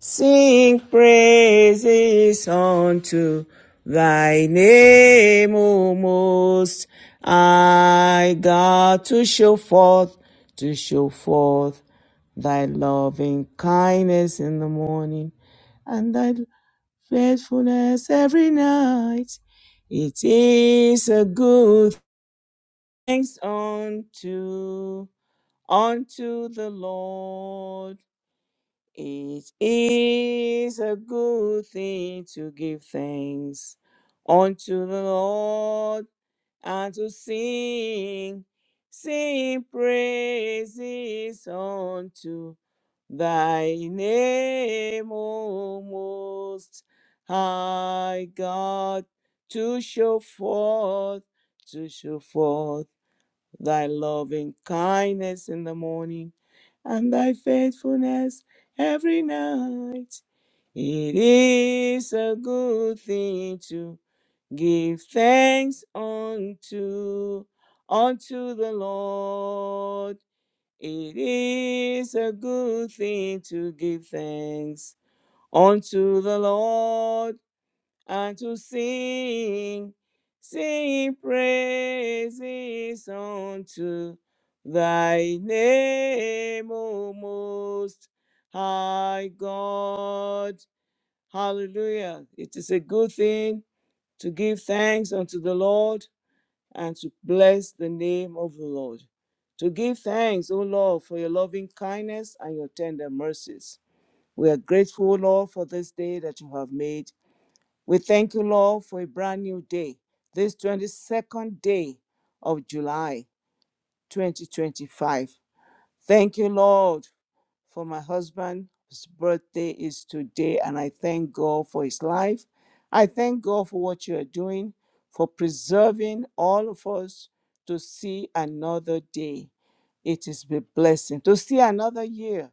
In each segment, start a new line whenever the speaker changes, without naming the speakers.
Sing praises unto thy name, O most high God, to show forth, to show forth thy loving kindness in the morning and thy faithfulness every night. It is a good thanks unto unto the Lord. It is a good thing to give thanks unto the Lord and to sing, sing praises unto thy name, O Most High God, to show forth, to show forth thy loving kindness in the morning, and thy faithfulness every night. It is a good thing to give thanks unto unto the Lord. It is a good thing to give thanks unto the Lord and to sing, sing praises unto thy name, O most high God. Hallelujah. It is a good thing to give thanks unto the Lord and to bless the name of the Lord. To give thanks, O Lord, for your loving kindness and your tender mercies. We are grateful, Lord, for this day that you have made we thank you, Lord, for a brand new day, this 22nd day of July 2025. Thank you, Lord, for my husband. His birthday is today, and I thank God for his life. I thank God for what you are doing, for preserving all of us to see another day. It is a blessing to see another year,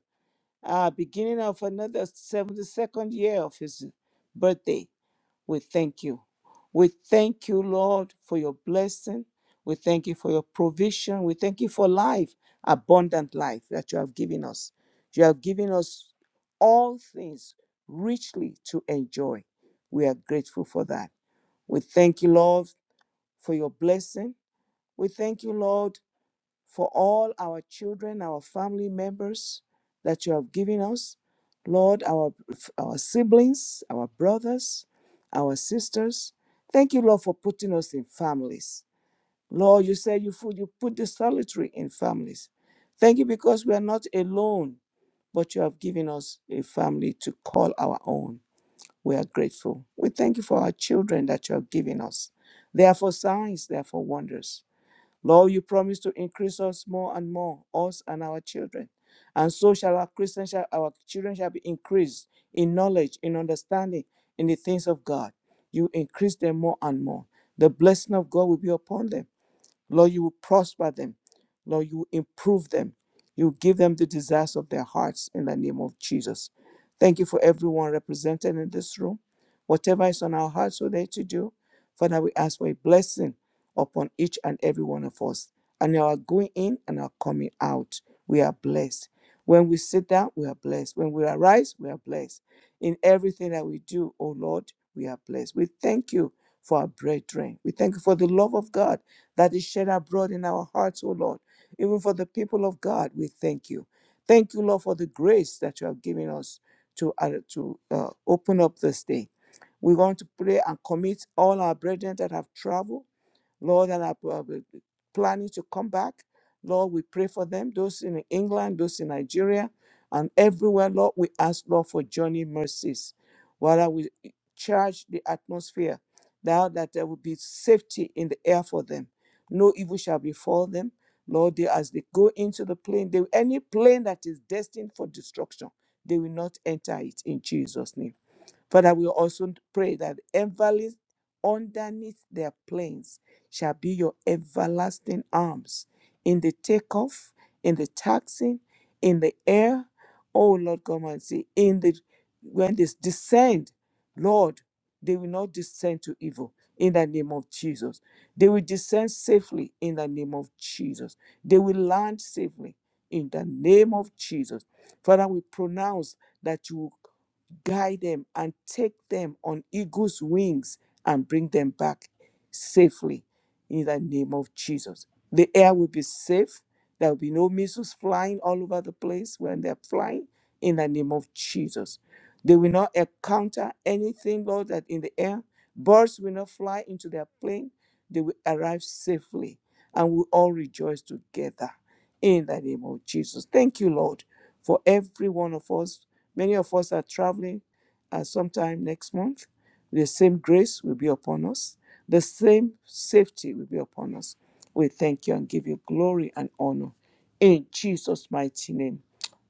uh, beginning of another 72nd year of his birthday. We thank you. We thank you, Lord, for your blessing. We thank you for your provision. We thank you for life, abundant life that you have given us. You have given us all things richly to enjoy. We are grateful for that. We thank you, Lord, for your blessing. We thank you, Lord, for all our children, our family members that you have given us. Lord, our, our siblings, our brothers, our sisters. Thank you, Lord, for putting us in families. Lord, you said you put, you put the solitary in families. Thank you because we are not alone, but you have given us a family to call our own. We are grateful. We thank you for our children that you have given us. They are for signs, they are for wonders. Lord, you promise to increase us more and more, us and our children. And so shall our Christians, shall, our children shall be increased in knowledge, in understanding, in the things of God. You increase them more and more. The blessing of God will be upon them Lord, you will prosper them. Lord, you will improve them. You will give them the desires of their hearts in the name of Jesus. Thank you for everyone represented in this room. Whatever is on our hearts today to do, Father, we ask for a blessing upon each and every one of us. And our going in and our coming out, we are blessed. When we sit down, we are blessed. When we arise, we are blessed. In everything that we do, O Lord, we are blessed. We thank you for our brethren. We thank you for the love of God that is shed abroad in our hearts, O Lord. Even for the people of God, we thank you. Thank you, Lord, for the grace that you have given us to, uh, to uh, open up this day. We want to pray and commit all our brethren that have traveled Lord, and are uh, planning to come back. Lord, we pray for them, those in England, those in Nigeria, and everywhere, Lord, we ask, Lord, for journey mercies. While we charge the atmosphere, now that there will be safety in the air for them. No evil shall befall them. Lord, they, as they go into the plane, they, any plane that is destined for destruction, they will not enter it in Jesus' name. Father, we also pray that enveloped underneath their planes shall be your everlasting arms in the takeoff, in the taxing, in the air. Oh Lord God Almighty, in the when they descend, Lord, they will not descend to evil in the name of Jesus. They will descend safely in the name of Jesus. They will land safely in the name of Jesus. Father, we pronounce that you will guide them and take them on eagle's wings and bring them back safely in the name of Jesus. The air will be safe. There will be no missiles flying all over the place when they're flying in the name of Jesus. They will not encounter anything, Lord, that in the air. Birds will not fly into their plane. They will arrive safely and we all rejoice together in the name of Jesus. Thank you, Lord, for every one of us. Many of us are traveling uh, sometime next month. The same grace will be upon us, the same safety will be upon us. We thank you and give you glory and honor. In Jesus' mighty name,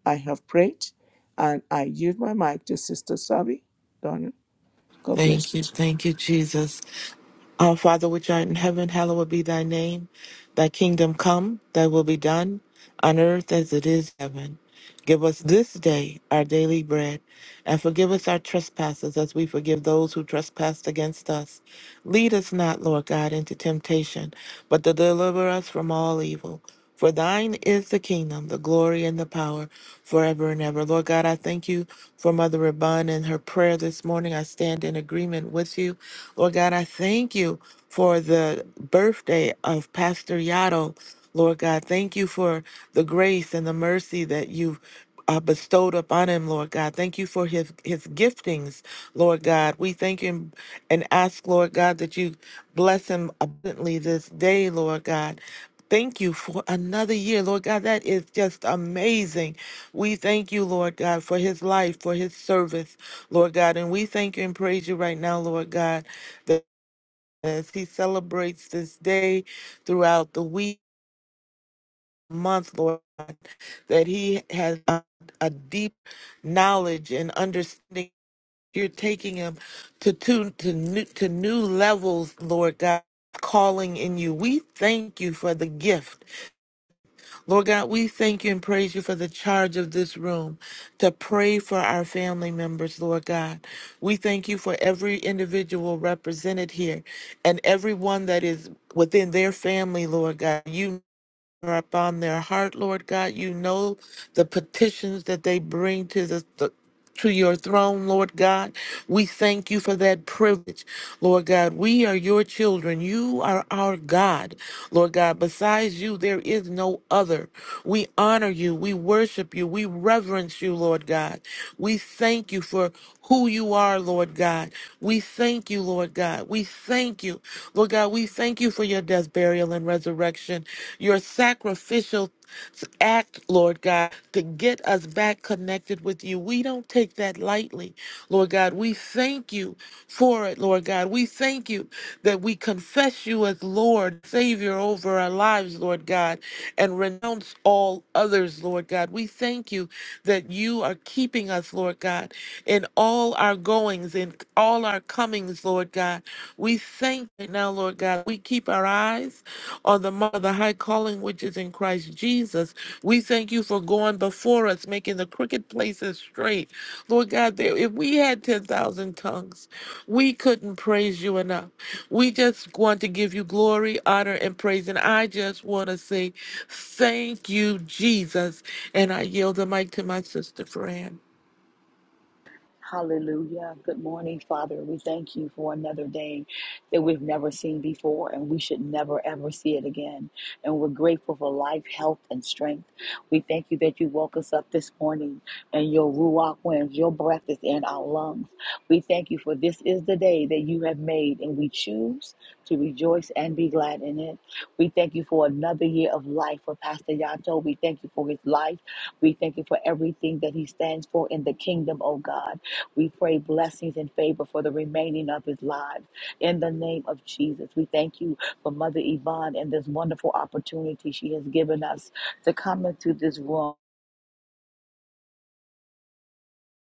I have prayed and I yield my mic to Sister Savi. Donna, God bless
Thank you, thank you, Jesus. Our Father, which art in heaven, hallowed be thy name. Thy kingdom come, thy will be done, on earth as it is in heaven. Give us this day our daily bread, and forgive us our trespasses as we forgive those who trespass against us. Lead us not, Lord God, into temptation, but to deliver us from all evil. For thine is the kingdom, the glory, and the power forever and ever. Lord God, I thank you for Mother Rabun and her prayer this morning. I stand in agreement with you. Lord God, I thank you for the birthday of Pastor Yato. Lord God, thank you for the grace and the mercy that you've uh, bestowed upon him, Lord God. Thank you for his his giftings, Lord God. We thank him and ask, Lord God, that you bless him abundantly this day, Lord God. Thank you for another year, Lord God. That is just amazing. We thank you, Lord God, for his life, for his service, Lord God. And we thank you and praise you right now, Lord God, that as he celebrates this day throughout the week month, Lord, that he has a, a deep knowledge and understanding. You're taking him to to to new, to new levels, Lord God. Calling in you. We thank you for the gift. Lord God, we thank you and praise you for the charge of this room to pray for our family members, Lord God. We thank you for every individual represented here and everyone that is within their family, Lord God. You are upon their heart, Lord God. You know the petitions that they bring to the, the- to your throne, Lord God. We thank you for that privilege, Lord God. We are your children. You are our God, Lord God. Besides you, there is no other. We honor you. We worship you. We reverence you, Lord God. We thank you for who you are, Lord God. We thank you, Lord God. We thank you, Lord God. We thank you for your death, burial, and resurrection devotion, your sacrificial act, Lord God, to get us back connected with you. We don't take that lightly, Lord God. We thank you for it, Lord God. We thank you that we confess you as Lord, Savior over our lives, Lord God, and renounce all others, Lord God. We thank you that you are keeping us, Lord God, in all our goings, in all our comings, Lord God. We thank you now, Lord God. We keep our eyes or the mar- the high calling which is in Christ Jesus. We thank you for going before us, making the crooked places straight. Lord God, there, if we had 10,000 tongues, we couldn't praise you enough. We just want to give you glory, honor, and praise. And I just want to say thank you, Jesus. And I yield the mic to my sister, Fran.
Hallelujah. Good morning, Father. We thank you for another day that we've never seen before and we should never ever see it again. And we're grateful for life, health, and strength. We thank you that you woke us up this morning and your ruach winds, your breath is in our lungs. We thank you for this is the day that you have made and we choose to rejoice and be glad in it. We thank you for another year of life for Pastor Yato. We thank you for his life. We thank you for everything that he stands for in the kingdom, oh God. We pray blessings and favor for the remaining of his lives. In the name of Jesus, we thank you for Mother Yvonne and this wonderful opportunity she has given us to come into this room.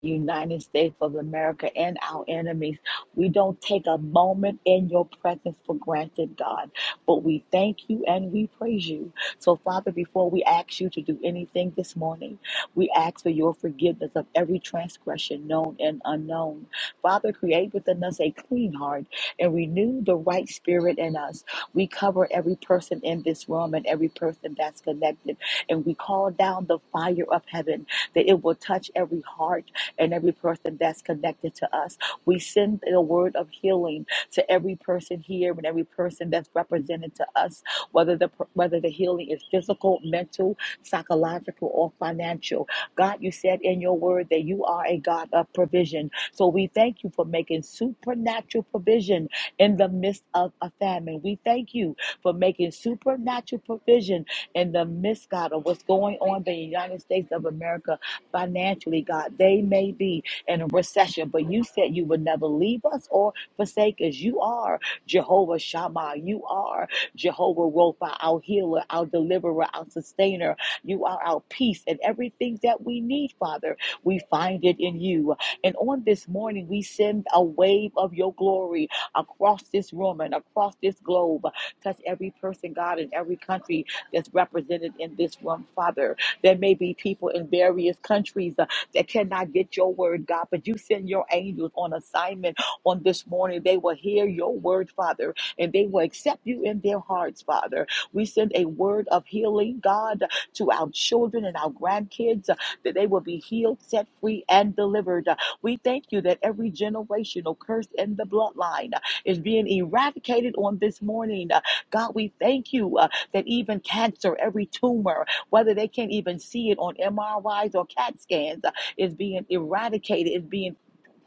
United States of America and our enemies. We don't take a moment in your presence for granted, God, but we thank you and we praise you. So, Father, before we ask you to do anything this morning, we ask for your forgiveness of every transgression known and unknown. Father, create within us a clean heart and renew the right spirit in us. We cover every person in this room and every person that's connected, and we call down the fire of heaven that it will touch every heart and every person that's connected to us. We send the word of healing to every person here and every person that's represented to us, whether the whether the healing is physical, mental, psychological, or financial. God, you said in your word that you are a God of provision. So we thank you for making supernatural provision in the midst of a famine. We thank you for making supernatural provision in the midst, God, of what's going on in the United States of America financially, God. They may be in a recession, but you said you would never leave us or forsake us. You are Jehovah Shammah. You are Jehovah Rapha, our healer, our deliverer, our sustainer. You are our peace and everything that we need, Father. We find it in you. And on this morning, we send a wave of your glory across this room and across this globe. Touch every person, God, in every country that's represented in this room, Father. There may be people in various countries uh, that cannot get your word, God, but you send your angels on assignment on this morning. They will hear your word, Father, and they will accept you in their hearts, Father. We send a word of healing, God, to our children and our grandkids uh, that they will be healed, set free, and delivered. Uh, We thank you that every generational curse in the bloodline uh, is being eradicated on this morning. Uh, God, we thank you uh, that even cancer, every tumor, whether they can't even see it on MRIs or CAT scans, uh, is being eradicated, is being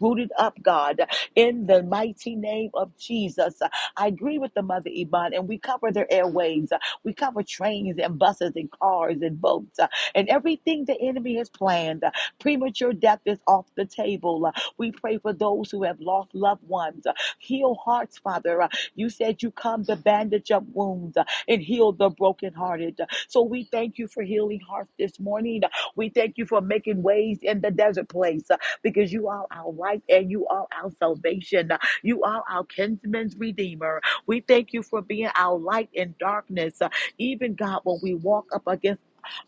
Rooted up, God, in the mighty name of Jesus. Uh, I agree with the mother Iman, and we cover their airwaves. Uh, We cover trains and buses and cars and boats uh, and everything the enemy has planned. Uh, Premature death is off the table. Uh, We pray for those who have lost loved ones. Uh, Heal hearts, Father. Uh, You said you come to bandage up wounds uh, and heal the brokenhearted. So we thank you for healing hearts this morning. We thank you for making ways in the desert place uh, because you are our light and you are our salvation. You are our kinsman's redeemer. We thank you for being our light in darkness. Uh, Even God, when we walk up against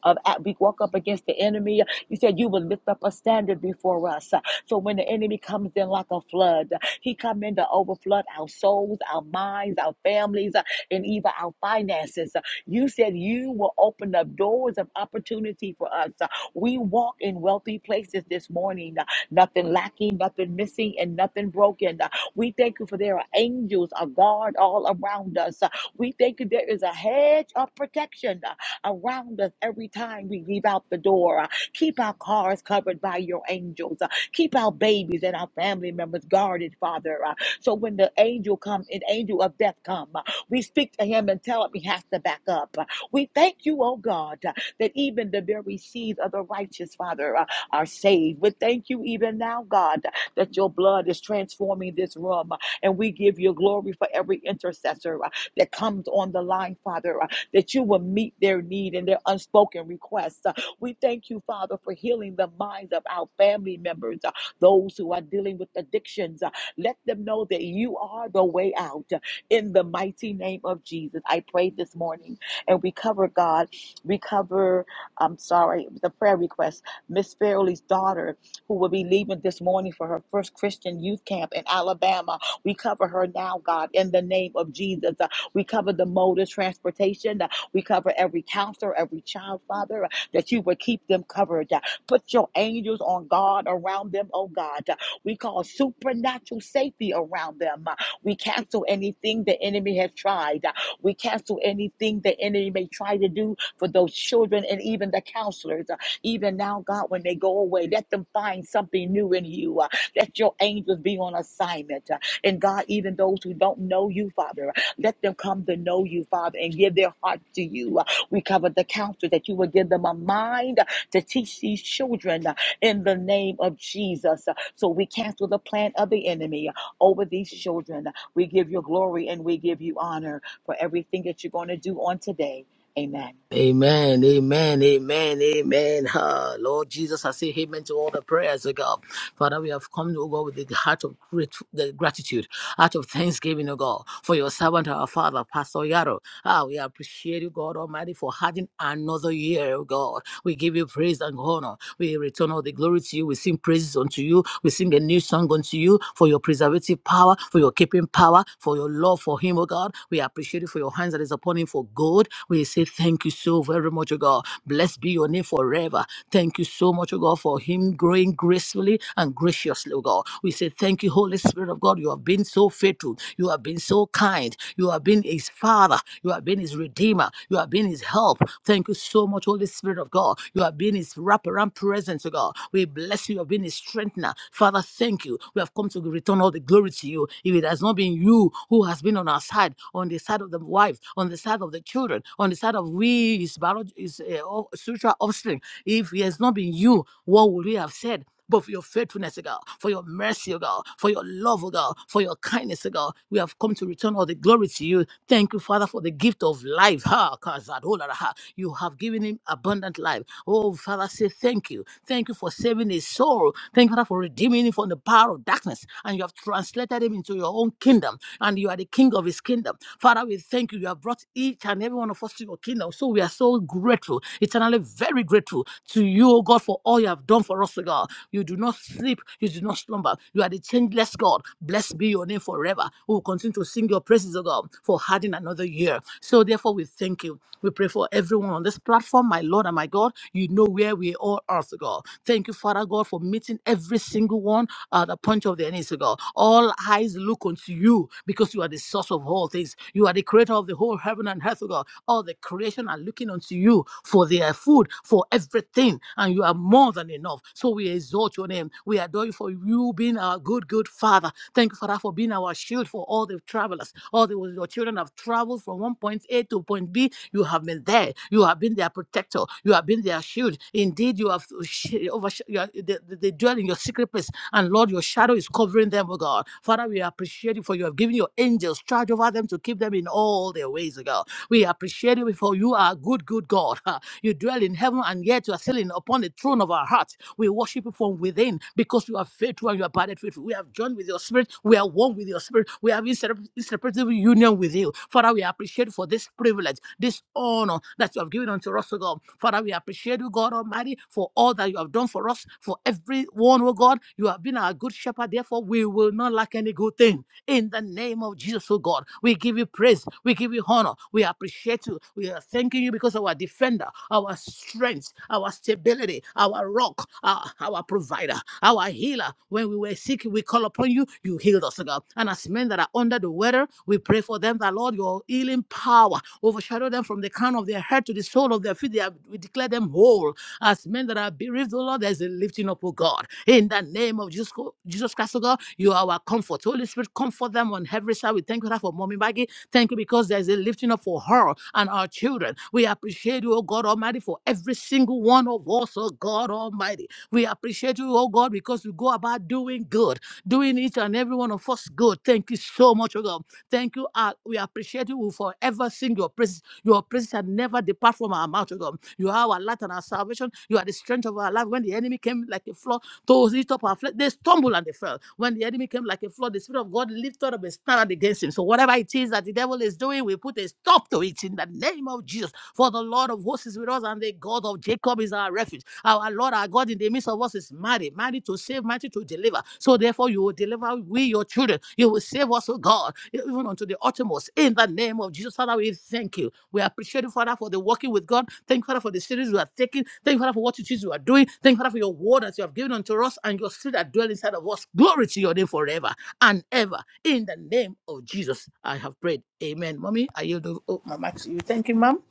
of at we walk up against the enemy. You said you would lift up a standard before us. Uh, So when the enemy comes in like a flood, uh, he come in to overflood our souls, our minds, our families, uh, and even our finances. You said you will open up doors of opportunity for us. Uh, We walk in wealthy places this morning. Uh, Nothing lacking, nothing missing, and nothing broken. Uh, We thank you for there are angels, a guard all around us. Uh, We thank you there is a hedge of protection uh, around us every time we leave out the door. Uh, Keep our cars covered by your angels. Uh, Keep our babies and our family members guarded, Father. Uh, So when the angel comes, an angel of death come. We speak to him and tell him he has to back up. We thank you, oh God, that even the very seeds of the righteous, Father, uh, are saved. We thank you even now, God, that your blood is transforming this room. uh, And we give you glory for every intercessor uh, that comes on the line, Father, uh, that you will meet their need and their unspoken requests. Uh, We thank you, Father, for healing the minds of our family members, uh, those who are dealing with addictions. Uh, Let them know that you are the way out in the mighty name of Jesus. I pray this morning and we cover God. We cover, I'm sorry, the prayer request. Miss Fairley's daughter, who will be leaving this morning for her first Christian youth camp in Alabama. We cover her now, God, in the name of Jesus. Uh, We cover the mode of transportation. Uh, We cover every counselor, every child, Father, uh, that you would keep them covered. Uh, Put your angels on guard around them, oh God. Uh, We call supernatural safety around them. We cancel anything the enemy has tried. We cancel anything the enemy may try to do for those children and even the counselors. Uh, Even now, God, when they go away, let them find something new in you. Uh, Let your angels be on assignment. Uh, And God, even those who don't know you, Father, uh, let them come to know you, Father, and give their heart to you. Uh, We cover the counselors that you will give them a mind uh, to teach these children uh, in the name of Jesus. Uh, So we cancel the plan of the enemy uh, over these children. We give you glory and we give you honor for everything that you're going to do on today. Amen.
Amen, amen, amen, amen. Ah, Lord Jesus, I say amen to all the prayers, oh God. Father, we have come, oh God, with the heart of grat- the gratitude, heart of thanksgiving, oh God, for your servant, our Father, Pastor Yaro. Ah, we appreciate you, God Almighty, for having another year, oh God. We give you praise and honor. We return all the glory to you. We sing praises unto you. We sing a new song unto you for your preservative power, for your keeping power, for your love for him, oh God. We appreciate you for your hands that is upon him for good. We say thank you so very much, oh God. Blessed be your name forever. Thank you so much, O God, for him growing gracefully and graciously, O God. We say thank you, Holy Spirit of God. You have been so faithful. You have been so kind. You have been his father. You have been his redeemer. You have been his help. Thank you so much, Holy Spirit of God. You have been his wraparound presence, O God. We bless you. You have been his strengthener. Father, thank you. We have come to return all the glory to you. If it has not been you who has been on our side, on the side of the wife, on the side of the children, on the side of we, his biology, his uh, spiritual offspring. If it has not been you, what would we have said? But for your faithfulness, O God, for your mercy, O God, for your love, O God, for your kindness, O God, we have come to return all the glory to you. Thank you, Father, for the gift of life. Ha, kazadola, You have given him abundant life. Oh, Father, say thank you. Thank you for saving his soul. Thank you, Father, for redeeming him from the power of darkness. And you have translated him into your own kingdom. And you are the king of his kingdom. Father, we thank you. You have brought each and every one of us to your kingdom. So we are so grateful, eternally very grateful to you, O God, for all you have done for us, O God. You do not sleep, you do not slumber. You are the changeless God. Blessed be your name forever. We will continue to sing your praises, O God, for adding another year. So therefore, we thank you. We pray for everyone on this platform, my Lord and my God. You know where we all are, O God. Thank you, Father God, for meeting every single one at the point of their needs, O God. All eyes look unto you because you are the source of all things. You are the creator of the whole heaven and earth, O God. All the creation are looking unto you for their food, for everything, and you are more than enough. So we exalt your name. We adore you for you being our good, good Father. Thank you, Father, for being our shield for all the travelers. All the your children have traveled from one point A to point B. You have been there. You have been their protector. You have been their shield. Indeed, you have sh- oversh- you are, they, they dwell in your secret place and Lord, your shadow is covering them, oh God. Father, we appreciate you for you have given your angels charge over them to keep them in all their ways, oh God. We appreciate you for you are a good, good God. Ah, You dwell in heaven and yet you are sitting upon the throne of our hearts. We worship you from within because you are faithful and you are abided faithful. We have joined with your spirit. We are one with your spirit. We have insep- inseparable union with you. Father, we appreciate you for this privilege, this honor that you have given unto us, O God. Father, we appreciate you, God Almighty, for all that you have done for us, for everyone, oh God. You have been our good shepherd. Therefore, we will not lack any good thing. In the name of Jesus, oh God, we give you praise, we give you honor, we appreciate you, we are thanking you because our defender, our strength, our stability, our rock, our, our provider, our healer. When we were sick, we call upon you, you healed us, oh God. And as men that are under the weather, we pray for them that, Lord, your healing power overshadow them from the crown of their head to the sole of their feet. They are, we declare them whole as men that are bereaved, oh Lord, there's a lifting up, oh God. In the name of Jesus, Jesus Christ, oh God, you are our comfort. So, Holy Spirit, comfort them on every side. We thank you for Mommy Maggie. Thank you because there's a lifting up for her and our children. We appreciate you, oh God Almighty, for every single one of us, oh God Almighty. We appreciate you, oh God, because we go about doing good, doing each and every one of us good. Thank you so much, oh God. Thank you. uh, we appreciate you. We forever sing your praise your praise shall never depart from our mouth, O God. You are our light and our salvation. You are the strength of our life. When the enemy came like a flood to lift up our flesh, they stumbled and they fell. When the enemy came like a flood, the Spirit of God lifted up a standard against him. So whatever it is that the devil is doing, we put a stop to it in the name of Jesus. For the Lord of hosts is with us, and the God of Jacob is our refuge. Our Lord our God in the midst of us is mighty, mighty to save, mighty to deliver. So therefore, you will deliver we your children. You will save us, O God, even unto the uttermost. In the name of Jesus, Father, we thank you. We appreciate you, Father, for the working with God. Thank you, Father, for the series we are taking. Thank you, Father, for what it is you are doing. Thank you, Father, for your word that you have given unto us and your spirit that dwell inside of us. Glory to your name forever and ever. In the name of Jesus, I have prayed. Amen. Mommy, I yield the- oh, my mic to you. Thank you, ma'am.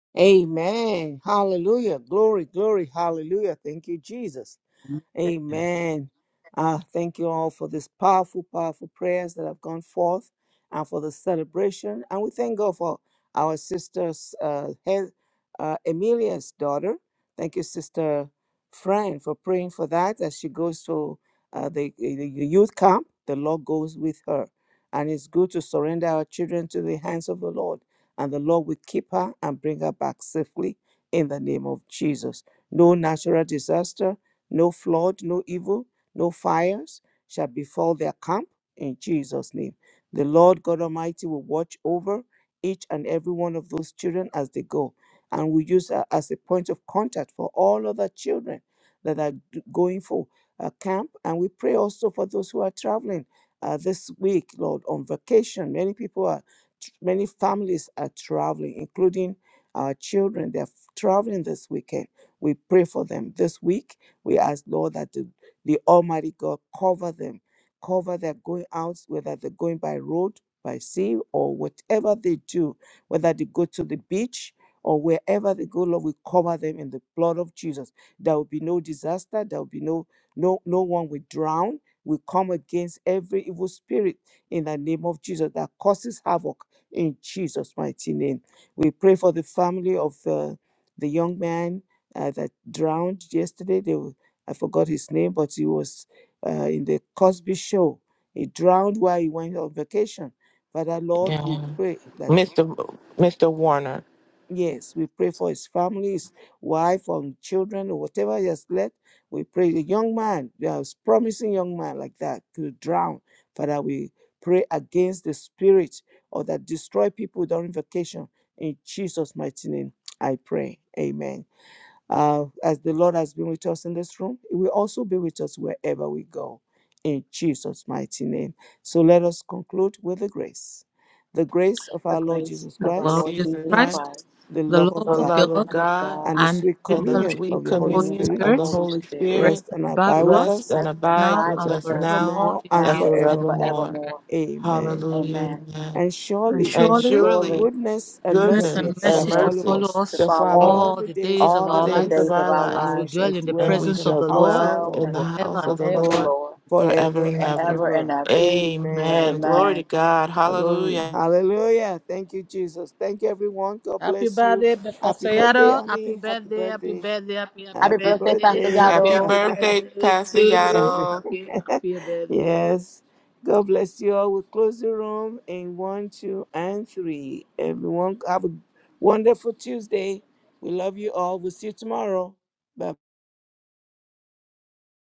you. Amen. Hallelujah. Glory, glory. Hallelujah. Thank you, Jesus.
Amen.
Amen. Uh, thank you all for this powerful, powerful prayers that have gone forth and for the celebration. And we thank God for our sister's uh, Hel- uh, Emilia's daughter. Thank you, Sister Fran, for praying for that as she goes to uh, the, the the youth camp. The Lord goes with her. And it's good to surrender our children to the hands of the Lord. And the Lord will keep her and bring her back safely in the name of Jesus. No natural disaster no flood, no evil, no fires shall befall their camp in Jesus' name. The Lord God Almighty will watch over each and every one of those children as they go and we use her as a point of contact for all other children that are g- going for a camp. And we pray also for those who are traveling uh, this week, Lord, on vacation. Many people are, many families are traveling, including our children. They're traveling this weekend. We pray for them this week we ask, Lord, that the, the Almighty God cover them, cover their going out, whether they're going by road, by sea, or whatever they do, whether they go to the beach or wherever they go, Lord, we cover them in the blood of Jesus. There will be no disaster. There will be no no no one will drown. We come against every evil spirit in the name of Jesus that causes havoc in Jesus' mighty name. We pray for the family of uh, the young man uh, that drowned yesterday. They will. I forgot his name, but he was uh, in the Cosby show. He drowned while he went on vacation. Father Lord, we
Yeah.
pray that,
Mr. Mr. Warner,
yes, we pray for his family, his wife, or children, or whatever he has left. We pray the young man, there's promising young man like that, to drown. Father, we pray against the spirit or that destroy people during vacation. In Jesus' mighty name, I pray. Amen. Uh, as the Lord has been with us in this room, He will also be with us wherever we go. In Jesus' mighty name. So let us conclude with the grace. The grace of our Lord Jesus
The Lord
Christ,
Jesus
Jesus Christ,
Christ,
the
the
love
love
the
of
of
love
God,
God.
of
Love of
God.
God,
and the
and the
sweet
sweet
and the
fellowship
communion
of
sweet
of
sweet
the
the
Holy
Holy
communion
communion
of
Spirit
the
of the
Spirit
Holy
Holy
Spirit,
rest
Spirit
rest
and
and
abide
abide
with
with
us
rest
us
and
rest and
abide
now
abide
with
and
with
us
us
as
now
forevermore
now
in
and
and
now
Jesus'
and
name.
forevermore.
forevermore.
Amen.
forevermore.
Amen.
Hallelujah.
Amen.
Amen.
And
And
surely
And
And
surely
surely
surely
goodness and
goodness
goodness
and
mercy
goodness
shall
and
mercy
and
shall
follow
mercy
mercy
follow
us
shall
shall
us
follow
follow
us
us
all
all
the
the
days
days
of
of
all the
our
our
all the
days
lives
of
days
lives,
of
our
our
life,
as
and
we
we
lives,
shall
dwell in the
and
dwell
we
presence
in
of
the
shall
the
house
Lord
of
dwell
dwell
God
in
in
the
the
forever
house
and
of
house
the
of the
ever.
Lord
Lord
In Jesus.
forever
forever
and
and
ever.
forever and
ever.
ever.
Amen.
Amen. Glory to
Amen.
God.
Glory.
Hallelujah.
Hallelujah. Thank you, Jesus. Thank you, everyone. God
Happy
bless you.
birthday,
Happy
Pastor
birthday,
Yaro. Happy
honey. Happy
birthday, happy
birthday.
birthday, happy, happy
Happy
Happy
birthday,
birthday.
Pastor
birthday.
Happy,
Happy
Yado.
happy
birthday,
birthday to
Pastor
you.
And-
Yaddle.
Happy, happy birthday.
yes. God bless you all. We'll close the room in one, two, and three. Everyone, have a wonderful Tuesday. We love you all. We'll see you tomorrow. Bye.